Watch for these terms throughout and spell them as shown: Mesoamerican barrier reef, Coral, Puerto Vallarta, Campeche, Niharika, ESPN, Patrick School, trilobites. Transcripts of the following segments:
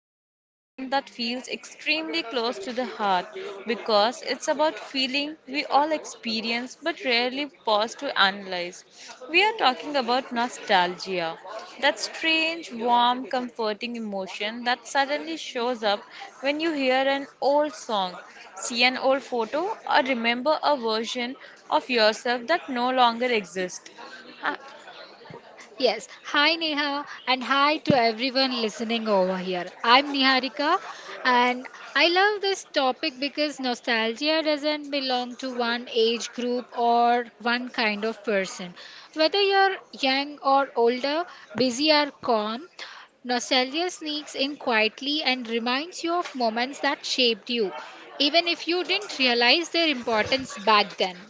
episode is one that feels extremely close to the heart because it's about feeling we all experience but rarely pause to analyze. We are talking about nostalgia, that strange, warm, comforting emotion that suddenly shows up when you hear an old song, see an old photo, or remember a version of yourself that no longer exists. Yes. Hi, Neha, and hi to everyone listening over here. I'm Niharika, and I love this topic because nostalgia doesn't belong to one age group or one kind of person. Whether you're young or older, busy or calm, nostalgia sneaks in quietly and reminds you of moments that shaped you, even if you didn't realize their importance back then.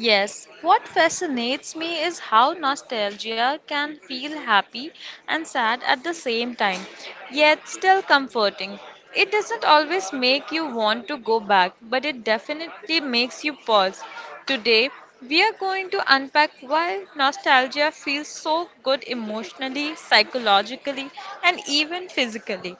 Yes, what fascinates me is how nostalgia can feel happy and sad at the same time, yet still comforting. It doesn't always make you want to go back, but it definitely makes you pause. Today, we are going to unpack why nostalgia feels so good emotionally, psychologically, and even physically.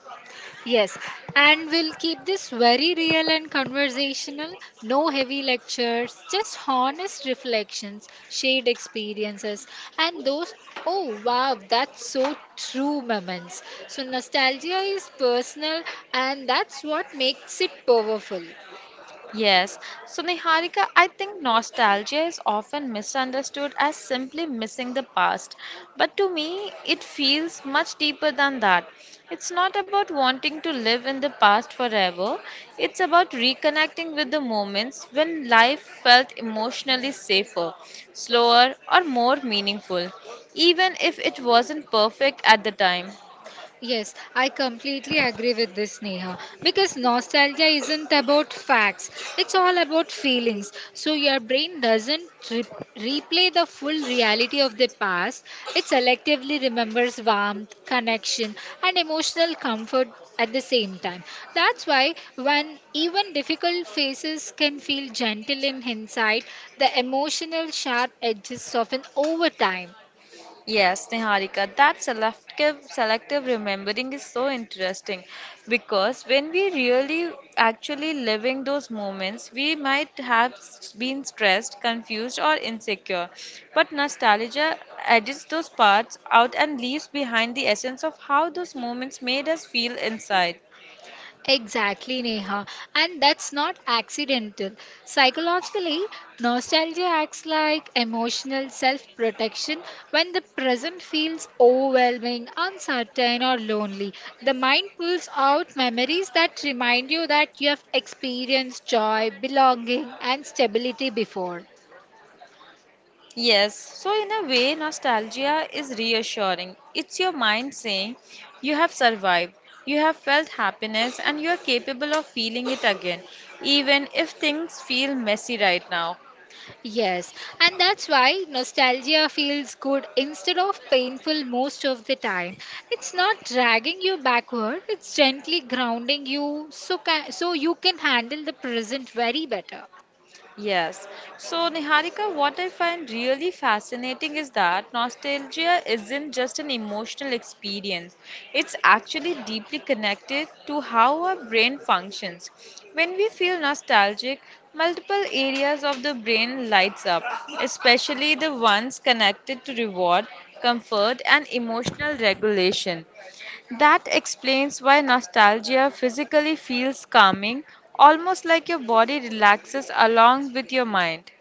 Yes, and we'll keep this very real and conversational. No heavy lectures, just honest reflections, shared experiences, and those, oh wow, that's so true moments. So, nostalgia is personal, and that's what makes it powerful. Yes. So, Niharika, I think nostalgia is often misunderstood as simply missing the past. But to me, it feels much deeper than that. It's not about wanting to live in the past forever, it's about reconnecting with the moments when life felt emotionally safer, slower, or more meaningful, even if it wasn't perfect at the time. Yes, I completely agree with this, Neha. Because nostalgia isn't about facts, it's all about feelings. So your brain doesn't replay the full reality of the past, it selectively remembers warmth, connection, and emotional comfort at the same time. That's why, when even difficult faces can feel gentle in hindsight, the emotional sharp edges soften over time. Yes, Niharika, that selective remembering is so interesting because when we really actually living those moments, we might been stressed, confused, or insecure. But nostalgia edits those parts out and leaves behind the essence of how those moments made us feel inside. Exactly, Neha. And that's not accidental. Psychologically, nostalgia acts like emotional self protection when the present feels overwhelming, uncertain, or lonely. The mind pulls out memories that remind you that you have experienced joy, belonging, and stability before. Yes, so in a way, nostalgia is reassuring. It's your mind saying, You have survived, you have felt happiness, and you are capable of feeling it again, even if things feel messy right now. Yes, and that's why nostalgia feels good instead of painful most of the time. It's not dragging you backward, it's gently grounding you so you can handle the present very better. Yes. So, Niharika, what I find really fascinating is that nostalgia isn't just an emotional experience, it's actually deeply connected to how our brain functions. When we feel nostalgic, multiple areas of the brain lights up, especially the ones connected to reward, comfort, and emotional regulation. That explains why nostalgia physically feels calming, almost like your body relaxes along with your mind.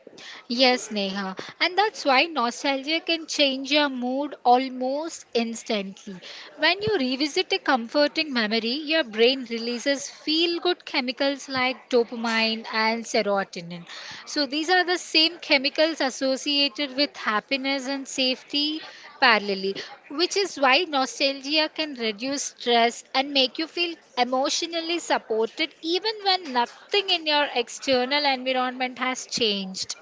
Yes, Neha. And that's why nostalgia can change your mood almost instantly. When you revisit a comforting memory, your brain releases feel good chemicals like dopamine and serotonin. So, these are the same chemicals associated with happiness and safety parallelly, which is why nostalgia can reduce stress and make you feel emotionally supported even when nothing in your external environment has changed.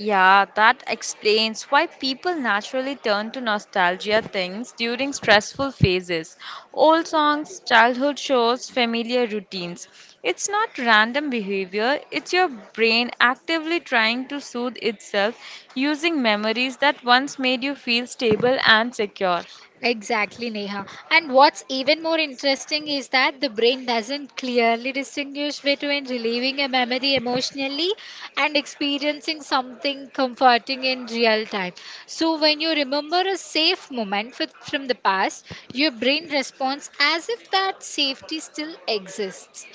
Yeah, that explains why people naturally turn to nostalgia things during stressful phases. Old songs, childhood shows, familiar routines. It's not random behavior, it's your brain actively trying to soothe itself using memories that once made you feel stable and secure. Exactly, Neha. And what's even more interesting is that the brain doesn't clearly distinguish between reliving a memory emotionally and experiencing something comforting in real time. So, when you remember a safe moment from the past, your brain responds as if that safety still exists.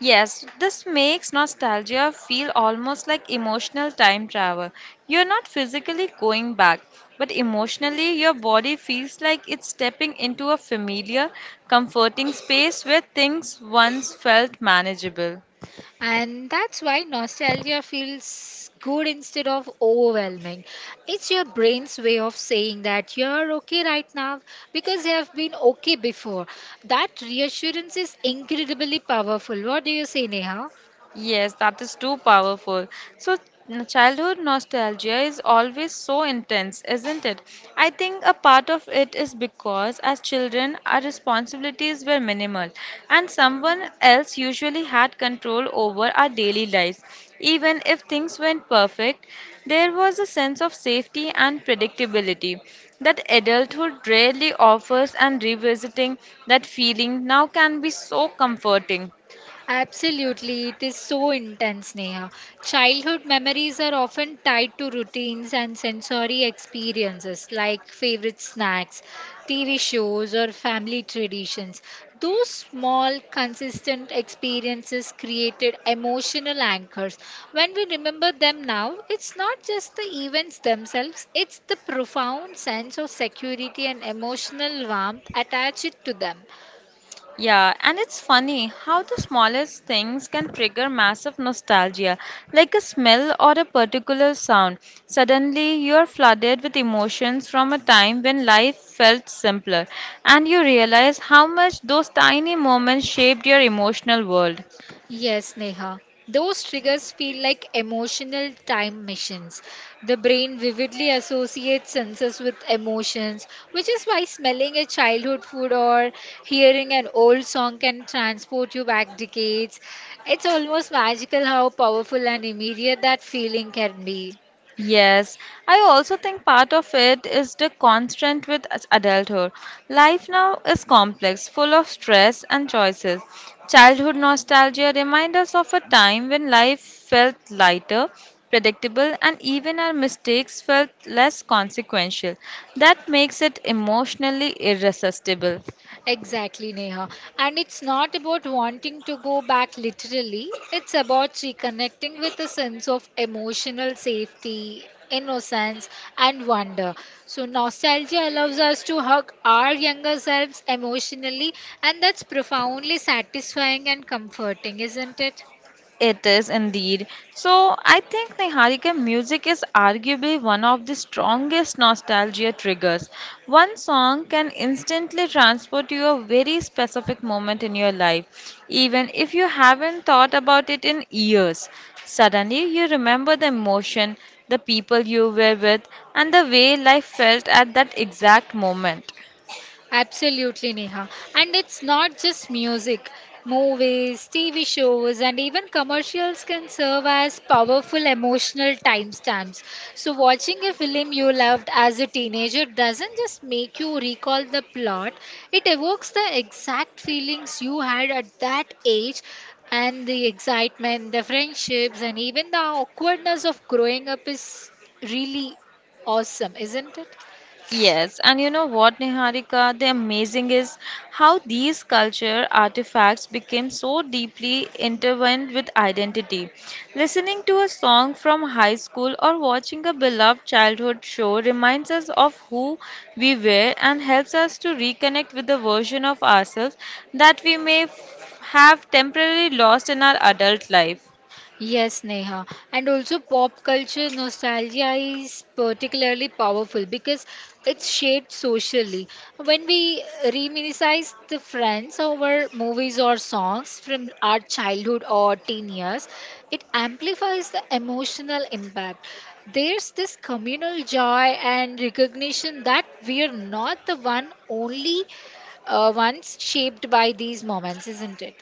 Yes, this makes nostalgia feel almost like emotional time travel. You're not physically going back, but emotionally, your body feels like it's stepping into a familiar, comforting space where things once felt manageable. And that's why nostalgia feels good instead of overwhelming. It's your brain's way of saying that you're okay right now because you have been okay before. That reassurance is incredibly powerful. What do you say, Neha? Yes, that is too powerful. So, Childhood nostalgia is always so intense, isn't it? I think a part of it is because as children, our responsibilities were minimal, and someone else usually had control over our daily lives. Even if things weren't perfect, there was a sense of safety and predictability that adulthood rarely offers, and revisiting that feeling now can be so comforting. Absolutely, it is so intense, Neha. Childhood memories are often tied to routines and sensory experiences like favorite snacks, TV shows, or family traditions. Those small, consistent experiences created emotional anchors. When we remember them now, it's not just the events themselves, it's the profound sense of security and emotional warmth attached to them. Yeah, and it's funny how the smallest things can trigger massive nostalgia, like a smell or a particular sound. Suddenly, you are flooded with emotions from a time when life felt simpler, and you realize how much those tiny moments shaped your emotional world. Yes, Neha. Those triggers feel like emotional time machines. The brain vividly associates senses with emotions, which is why smelling a childhood food or hearing an old song can transport you back decades. It's almost magical how powerful and immediate that feeling can be. Yes, I also think part of it is the constant adulthood. Life now is complex, full of stress and choices. Childhood nostalgia reminds us of a time when life felt lighter, predictable, and even our mistakes felt less consequential. That makes it emotionally irresistible. Exactly, Neha. And it's not about wanting to go back literally, it's about reconnecting with a sense of emotional safety, innocence, and wonder. So, nostalgia allows us to hug our younger selves emotionally, and that's profoundly satisfying and comforting, isn't it? It is indeed. So I think, Niharika, music is arguably one of the strongest nostalgia triggers. One song can instantly transport you a very specific moment in your life, even if you haven't thought about it in years. Suddenly you remember the emotion, the people you were with, and the way life felt at that exact moment. Absolutely, Neha. And it's not just music. Movies, TV shows, and even commercials can serve as powerful emotional timestamps. So, watching a film you loved as a teenager doesn't just make you recall the plot, it evokes the exact feelings you had at that age and the excitement, the friendships, and even the awkwardness of growing up is really awesome, isn't it? Yes, and you know what, Niharika? The amazing is how these culture artifacts became so deeply intertwined with identity. Listening to a song from high school or watching a beloved childhood show reminds us of who we were and helps us to reconnect with the version of ourselves that we have temporarily lost in our adult life. Yes, Neha. And also, pop culture nostalgia is particularly powerful because it's shaped socially. When we reminisce the friends over movies or songs from our childhood or teen years, it amplifies the emotional impact. There's this communal joy and recognition that we're not the one only ones shaped by these moments, isn't it?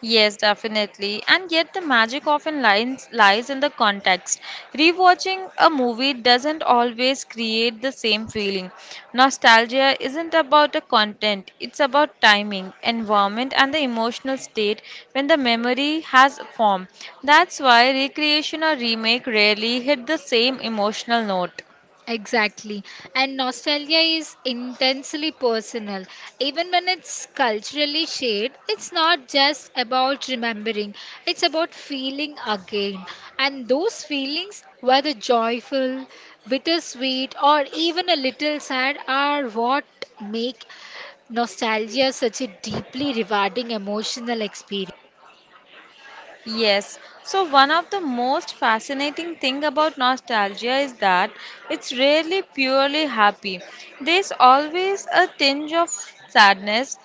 Yes, definitely. And yet the magic often lies in the context. Rewatching a movie doesn't always create the same feeling. Nostalgia isn't about the content, it's about timing, environment and the emotional state when the memory has formed. That's why recreation or remake rarely hit the same emotional note. Exactly. And nostalgia is intensely personal. Even when it's culturally shared, it's not just about remembering, it's about feeling again. And those feelings, whether joyful, bittersweet, or even a little sad, are what make nostalgia such a deeply rewarding emotional experience. Yes. So one of the most fascinating thing about nostalgia is that it's rarely purely happy. There's always a tinge of sadness,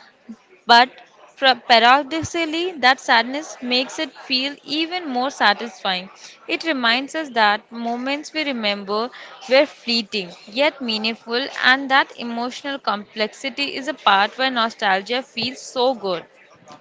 but paradoxically that sadness makes it feel even more satisfying. It reminds us that moments we remember were fleeting yet meaningful and that emotional complexity is a part where nostalgia feels so good.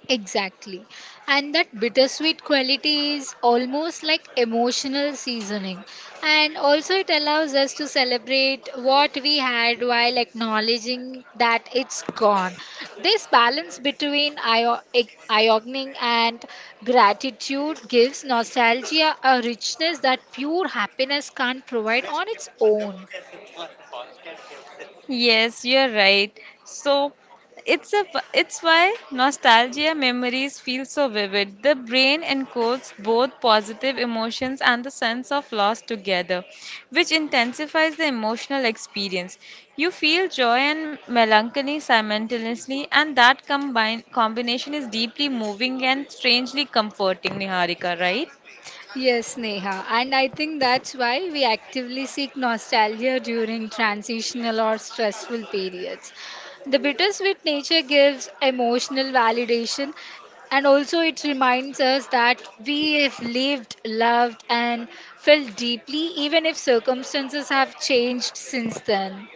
Exactly. And that bittersweet quality is almost like emotional seasoning. And also, it allows us to celebrate what we had while acknowledging that it's gone. This balance between ironing and gratitude gives nostalgia a richness that pure happiness can't provide on its own. Yes, you're right. So it's a it's why nostalgia memories feel so vivid. The brain encodes both positive emotions and the sense of loss together, which intensifies the emotional experience. You feel joy and melancholy simultaneously, and that combine combination is deeply moving and strangely comforting, Niharika, right? Yes, Neha. And I think that's why we actively seek nostalgia during transitional or stressful periods. The bittersweet nature gives emotional validation and also it reminds us that we have lived, loved, and felt deeply, even if circumstances have changed since then.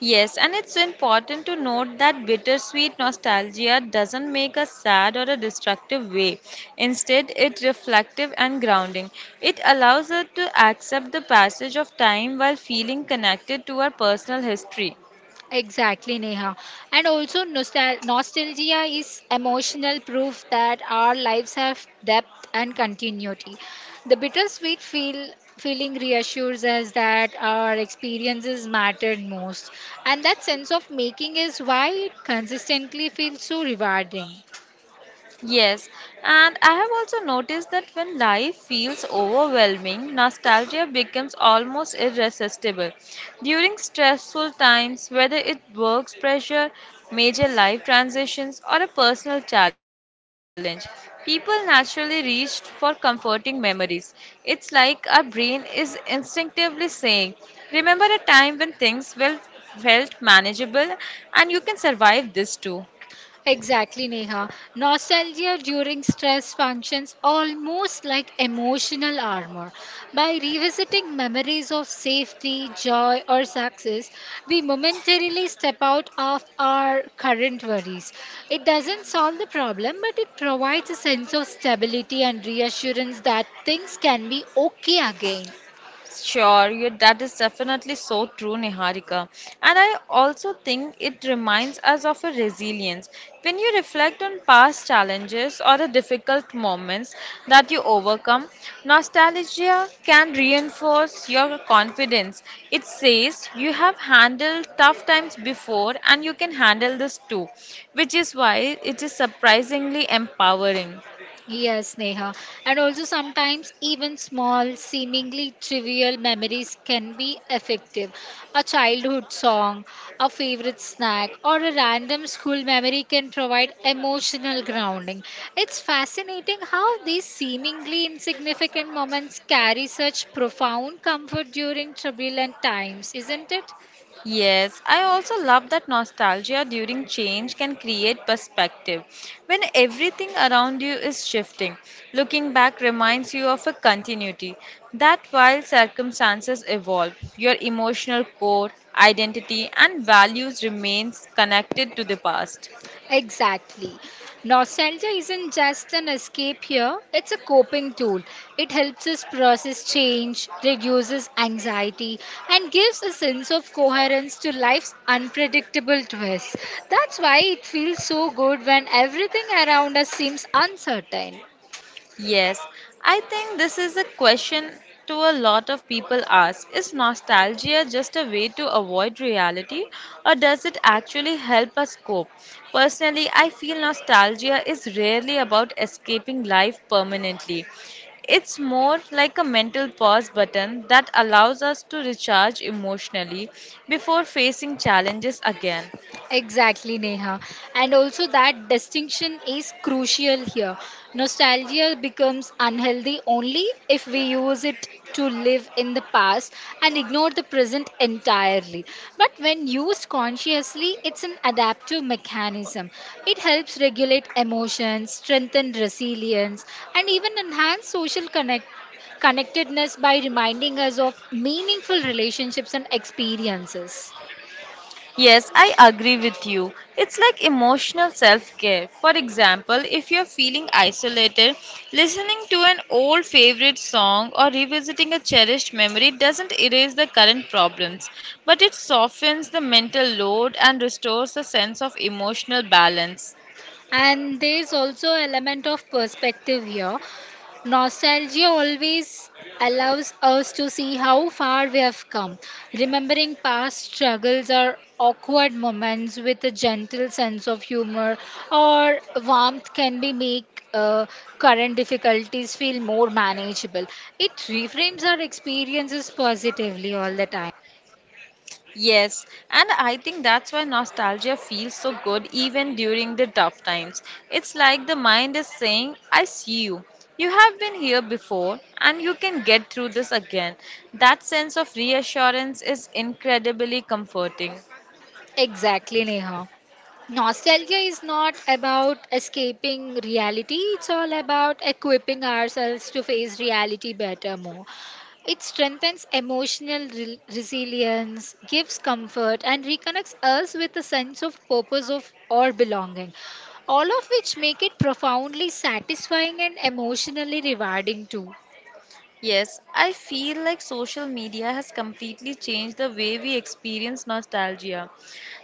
Yes, and it's important to note that bittersweet nostalgia doesn't make us sad or a destructive way. Instead, it's reflective and grounding. It allows us to accept the passage of time while feeling connected to our personal history. Exactly, Neha. And also, nostalgia is emotional proof that our lives have depth and continuity. The bittersweet feeling reassures us that our experiences mattered most, and that sense of making is why it consistently feels so rewarding. Yes, and I have also noticed that when life feels overwhelming, nostalgia becomes almost irresistible. During stressful times, whether it works pressure, major life transitions, or a personal challenge, people naturally reach for comforting memories. It's like our brain is instinctively saying, Remember a time when things well, felt manageable and you can survive this too. Exactly, Neha. Nostalgia during stress functions almost like emotional armor. By revisiting memories of safety, joy, or success, we momentarily step out of our current worries. It doesn't solve the problem, but it provides a sense of stability and reassurance that things can be okay again. Sure, you, that is definitely so true, Niharika. And I also think it reminds us of a resilience. When you reflect on past challenges or the difficult moments that you overcome, nostalgia can reinforce your confidence. It says you have handled tough times before and you can handle this too, which is why it is surprisingly empowering. Yes, Neha. And also, sometimes even small, seemingly trivial memories can be effective. A childhood song, a favorite snack, or a random school memory can provide emotional grounding. It's fascinating how these seemingly insignificant moments carry such profound comfort during turbulent times, isn't it? Yes, I also love that nostalgia during change can create perspective. When everything around you is shifting, looking back reminds you of a continuity that while circumstances evolve, your emotional core, identity, and values remains connected to the past. Exactly. Nostalgia isn't just an escape here, it's a coping tool. It helps us process change, reduces anxiety, and gives a sense of coherence to life's unpredictable twists. That's why it feels so good when everything around us seems uncertain. Yes, I think this is a question to a lot of people ask. Is nostalgia just a way to avoid reality or does it actually help us cope? Personally, I feel nostalgia is rarely about escaping life permanently. It's more like a mental pause button that allows us to recharge emotionally before facing challenges again. Exactly, Neha. And also, that distinction is crucial here. Nostalgia becomes unhealthy only if we use it to live in the past and ignore the present entirely. But when used consciously, it's an adaptive mechanism. It helps regulate emotions, strengthen resilience, and even enhance social connectedness by reminding us of meaningful relationships and experiences. Yes, I agree with you. It's like emotional self care. For example, if you're feeling isolated, listening to an old favorite song or revisiting a cherished memory doesn't erase the current problems, but it softens the mental load and restores a sense of emotional balance. And there's also element of perspective here. Nostalgia always allows us to see how far we have come. Remembering past struggles or awkward moments with a gentle sense of humor or warmth can be make current difficulties feel more manageable. It reframes our experiences positively all the time. Yes, and I think that's why nostalgia feels so good even during the tough times. It's like the mind is saying, I see you. You have been here before and you can get through this again. That sense of reassurance is incredibly comforting. Exactly, Neha. Nostalgia is not about escaping reality, it's all about equipping ourselves to face reality better more. It strengthens emotional resilience, gives comfort, and reconnects us with a sense of purpose of or belonging, all of which make it profoundly satisfying and emotionally rewarding too. Yes, I feel like social media has completely changed the way we experience nostalgia.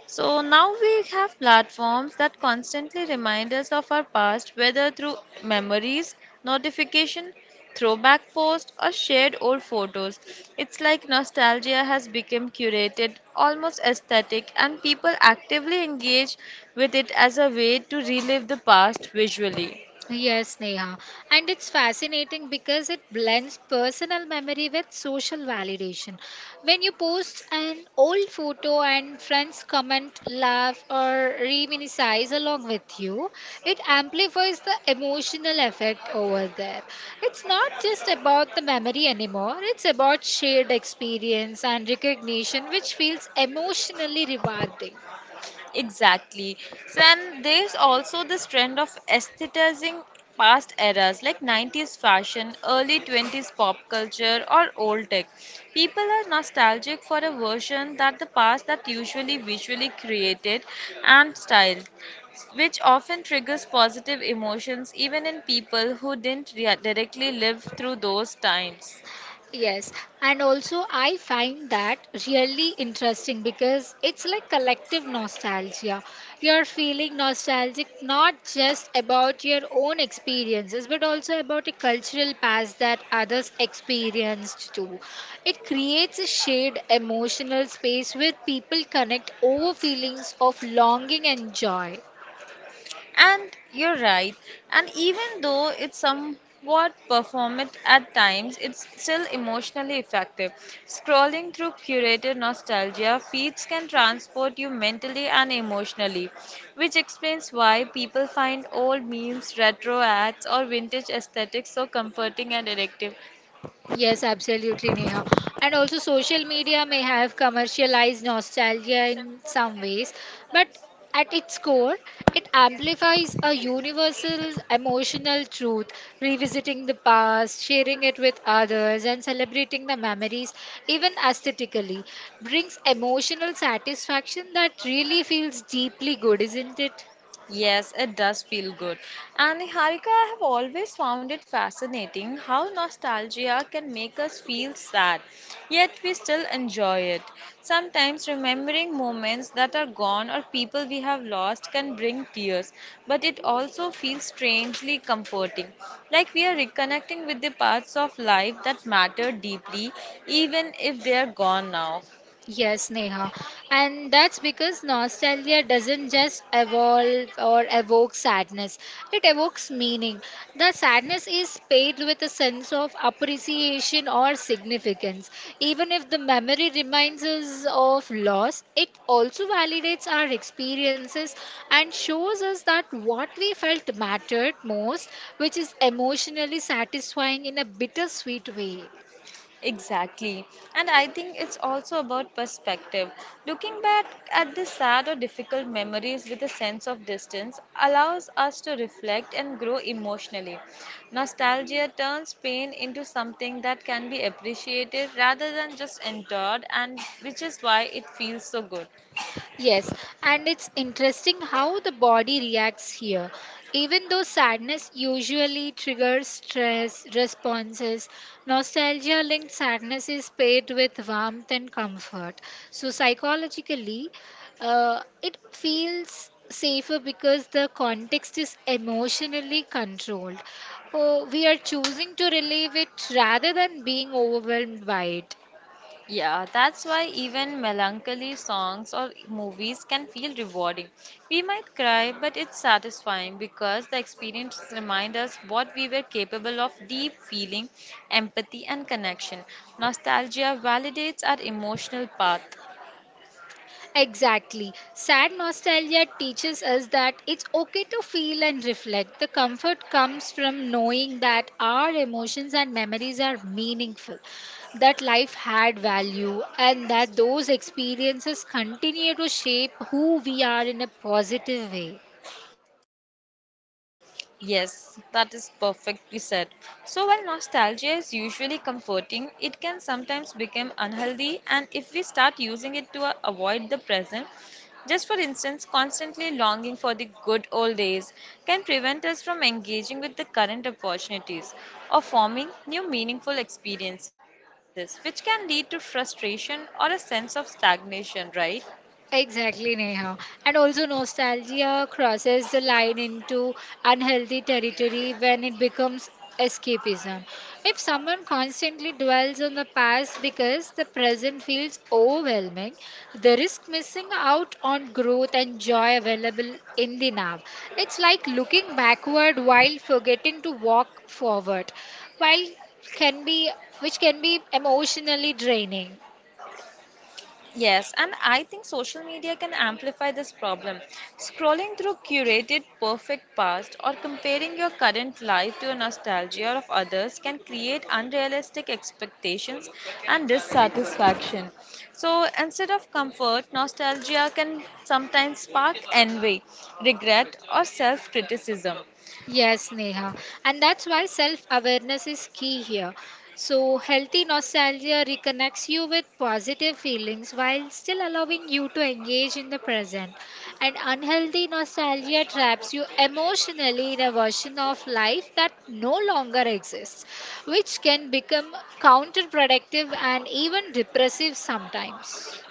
So now we have platforms that constantly remind us of our past, whether through memories, notification, throwback posts, or shared old photos. It's like nostalgia has become curated, almost aesthetic, and people actively engage with it as a way to relive the past visually. Yes, Neha. And it's fascinating because it blends personal memory with social validation. When you post an old photo and friends comment, laugh, or reminisce along with you, it amplifies the emotional effect over there. It's not just about the memory anymore, it's about shared experience and recognition, which feels emotionally rewarding. Exactly. So, and there's also this trend of aestheticizing past eras like 90s fashion, early 20s pop culture, or old tech. People are nostalgic for a version that the past that usually visually created and styled, which often triggers positive emotions even in people who didn't rea- directly live through those times. Yes, and also I find that really interesting because it's like collective nostalgia. You're feeling nostalgic not just about your own experiences but also about a cultural past that others experienced too. It creates a shared emotional space where people connect over feelings of longing and joy. And you're right. And even though it's somewhat performant at times, it's still emotionally effective. Scrolling through curated nostalgia feeds can transport you mentally and emotionally, which explains why people find old memes, retro ads, or vintage aesthetics so comforting and addictive. Yes, absolutely, Neha. And also, social media may have commercialized nostalgia in some ways, but at its core, it amplifies a universal emotional truth, revisiting the past, sharing it with others, and celebrating the memories, even aesthetically, brings emotional satisfaction that really feels deeply good, isn't it? Yes, it does feel good. And Harika, I have always found it fascinating how nostalgia can make us feel sad, yet we still enjoy it. Sometimes remembering moments that are gone or people we have lost can bring tears, but it also feels strangely comforting. Like we are reconnecting with the parts of life that matter deeply, even if they are gone now. Yes, Neha. And that's because nostalgia doesn't just evolve or evoke sadness, it evokes meaning. The sadness is paid with a sense of appreciation or significance. Even if the memory reminds us of loss, it also validates our experiences and shows us that what we felt mattered most, which is emotionally satisfying in a bittersweet way. Exactly. And I think it's also about perspective. Looking back at the sad or difficult memories with a sense of distance allows us to reflect and grow emotionally. Nostalgia turns pain into something that can be appreciated rather than just endured, and which is why it feels so good. Yes, and it's interesting how the body reacts here. Even though sadness usually triggers stress responses, nostalgia linked sadness is paired with warmth and comfort. So, psychologically, it feels safer because the context is emotionally controlled. Oh, we are choosing to relieve it rather than being overwhelmed by it. Yeah, that's why even melancholy songs or movies can feel rewarding. We might cry, but it's satisfying because the experience reminds us what we were capable of deep feeling, empathy, and connection. Nostalgia validates our emotional path. Exactly. Sad nostalgia teaches us that it's okay to feel and reflect. The comfort comes from knowing that our emotions and memories are meaningful, that life had value, and that those experiences continue to shape who we are in a positive way. Yes, that is perfectly said. So, while nostalgia is usually comforting, it can sometimes become unhealthy, and if we start using it to avoid the present, just for instance, constantly longing for the good old days can prevent us from engaging with the current opportunities or forming new meaningful experiences, which can lead to frustration or a sense of stagnation, right? Exactly, Neha. And also, nostalgia crosses the line into unhealthy territory when it becomes escapism. If someone constantly dwells on the past because the present feels overwhelming, they risk missing out on growth and joy available in the now. It's like looking backward while forgetting to walk forward, while can be which can be emotionally draining. Yes, and I think social media can amplify this problem. Scrolling through curated perfect past or comparing your current life to a nostalgia of others can create unrealistic expectations and dissatisfaction. So instead of comfort, nostalgia can sometimes spark envy, regret, or self criticism. Yes, Neha. And that's why self awareness is key here. So, healthy nostalgia reconnects you with positive feelings while still allowing you to engage in the present. And unhealthy nostalgia traps you emotionally in a version of life that no longer exists, which can become counterproductive and even depressive sometimes.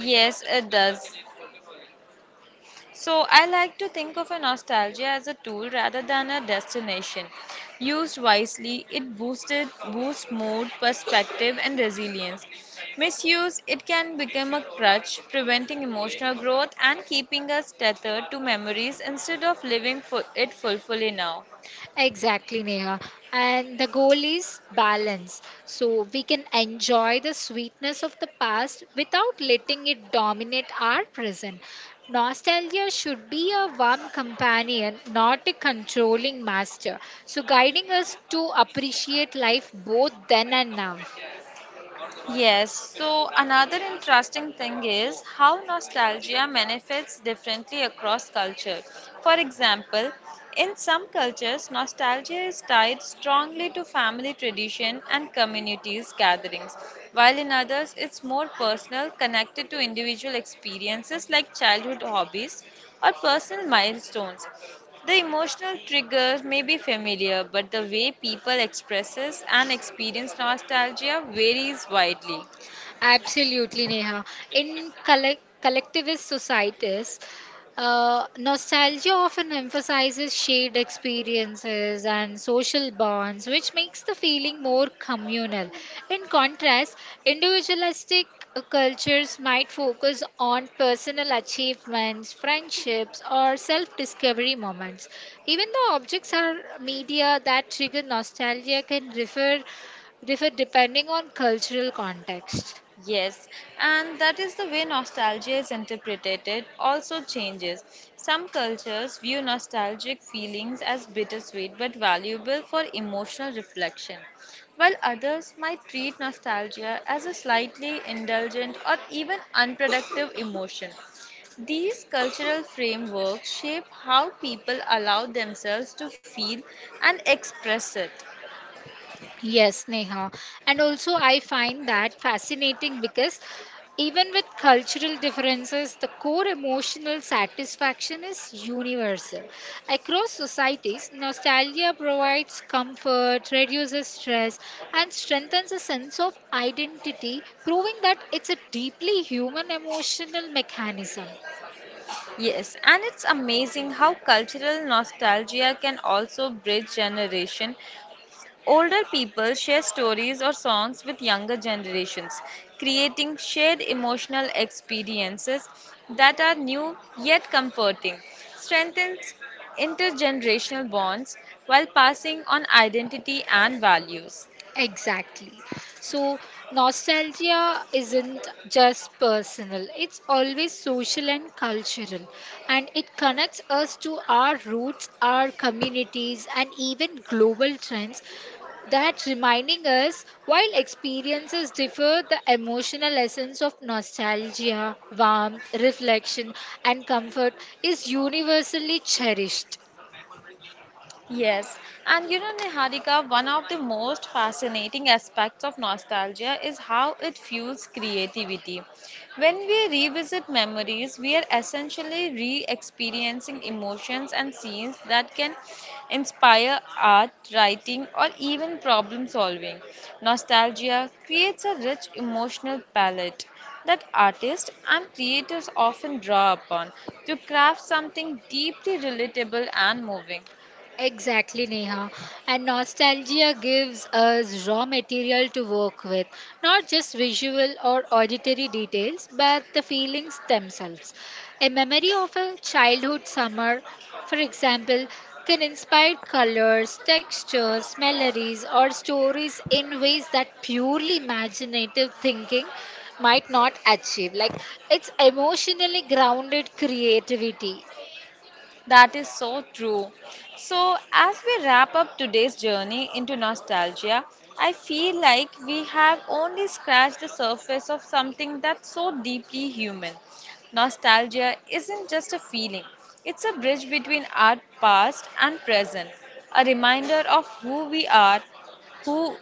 Yes, it does. So, I like to think of a nostalgia as a tool rather than a destination. Used wisely, it boosted boosts mood, perspective, and resilience. Misuse, it can become a crutch, preventing emotional growth and keeping us tethered to memories instead of living for it fully now. Exactly, Neha. And the goal is balance. So we can enjoy the sweetness of the past without letting it dominate our present. Nostalgia should be a warm companion, not a controlling master. So guiding us to appreciate life both then and now. Yes, so another interesting thing is how nostalgia manifests differently across culture. For example, in some cultures, nostalgia is tied strongly to family tradition and communities gatherings, while in others it's more personal, connected to individual experiences like childhood hobbies or personal milestones. The emotional trigger may be familiar, but the way people expresses and experience nostalgia varies widely. Absolutely, Neha. In collectivist societies, nostalgia often emphasizes shared experiences and social bonds, which makes the feeling more communal. In contrast, individualistic cultures might focus on personal achievements, friendships, or self discovery moments. Even though objects are media that trigger nostalgia can differ depending on cultural context. Yes, and that is the way nostalgia is interpreted, it also changes. Some cultures view nostalgic feelings as bittersweet but valuable for emotional reflection, while others might treat nostalgia as a slightly indulgent or even unproductive emotion. These cultural frameworks shape how people allow themselves to feel and express it. Yes, Neha. And also, I find that fascinating because even with cultural differences, the core emotional satisfaction is universal. Across societies, nostalgia provides comfort, reduces stress, and strengthens a sense of identity, proving that it's a deeply human emotional mechanism. Yes, and it's amazing how cultural nostalgia can also bridge generation. Older people share stories or songs with younger generations, creating shared emotional experiences that are new yet comforting, strengthens intergenerational bonds while passing on identity and values. Exactly. So, nostalgia isn't just personal, it's always social and cultural. And it connects us to our roots, our communities, and even global trends that reminding us while experiences differ the emotional essence of nostalgia warmth reflection and comfort is universally cherished. Yes, and you know, Niharika, one of the most fascinating aspects of nostalgia is how it fuels creativity. When we revisit memories, we are essentially re experiencing emotions and scenes that can inspire art, writing, or even problem solving. Nostalgia creates a rich emotional palette that artists and creators often draw upon to craft something deeply relatable and moving. Exactly, Neha. And nostalgia gives us raw material to work with, not just visual or auditory details, but the feelings themselves. A memory of a childhood summer, for example, can inspire colors, textures, melodies, or stories in ways that purely imaginative thinking might not achieve. Like it's emotionally grounded creativity. That is so true. So, as we wrap up today's journey into nostalgia, I feel like we have only scratched the surface of something that's so deeply human. Nostalgia isn't just a feeling, it's a bridge between our past and present, a reminder of who we are, who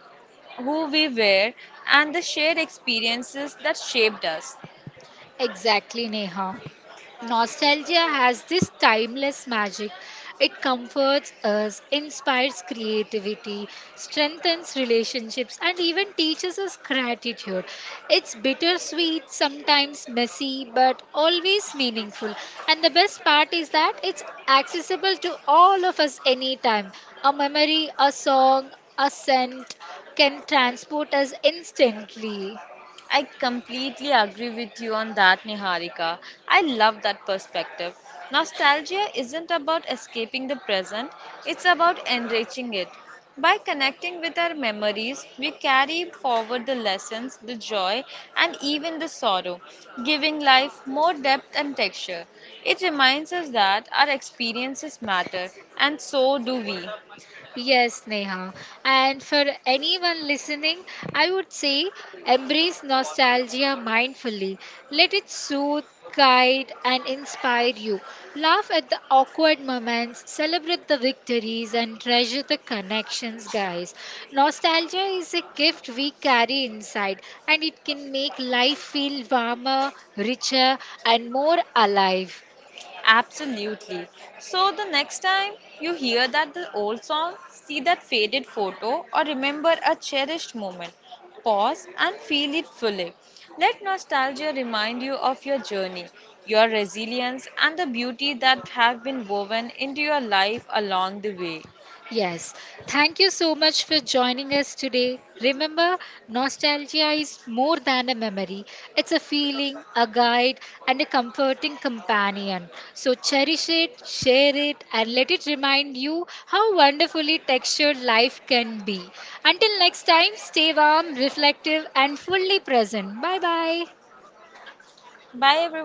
who we were and the shared experiences that shaped us. Exactly, Neha. Nostalgia has this timeless magic. It comforts us, inspires creativity, strengthens relationships, and even teaches us gratitude. It's bittersweet, sometimes messy, but always meaningful. And the best part is that it's accessible to all of us anytime. A memory, a song, a scent can transport us instantly. I completely agree with you on that, Niharika. I love that perspective. Nostalgia isn't about escaping the present, it's about enriching it. By connecting with our memories, we carry forward the lessons, the joy, and even the sorrow, giving life more depth and texture. It reminds us that our experiences matter, and so do we. Yes, Neha. And for anyone listening, I would say embrace nostalgia mindfully. Let it soothe, guide, and inspire you. Laugh at the awkward moments, celebrate the victories, and treasure the connections, guys. Nostalgia is a gift we carry inside, and it can make life feel warmer, richer, and more alive. Absolutely. So the next time you hear that the old song, see that faded photo or remember a cherished moment, pause and feel it fully. Let nostalgia remind you of your journey, your resilience and the beauty that have been woven into your life along the way. Yes, thank you so much for joining us today. Remember, nostalgia is more than a memory, it's a feeling, a guide, and a comforting companion. So cherish it, share it, and let it remind you how wonderfully textured life can be. Until next time, stay warm, reflective, and fully present. Bye bye. Bye everyone.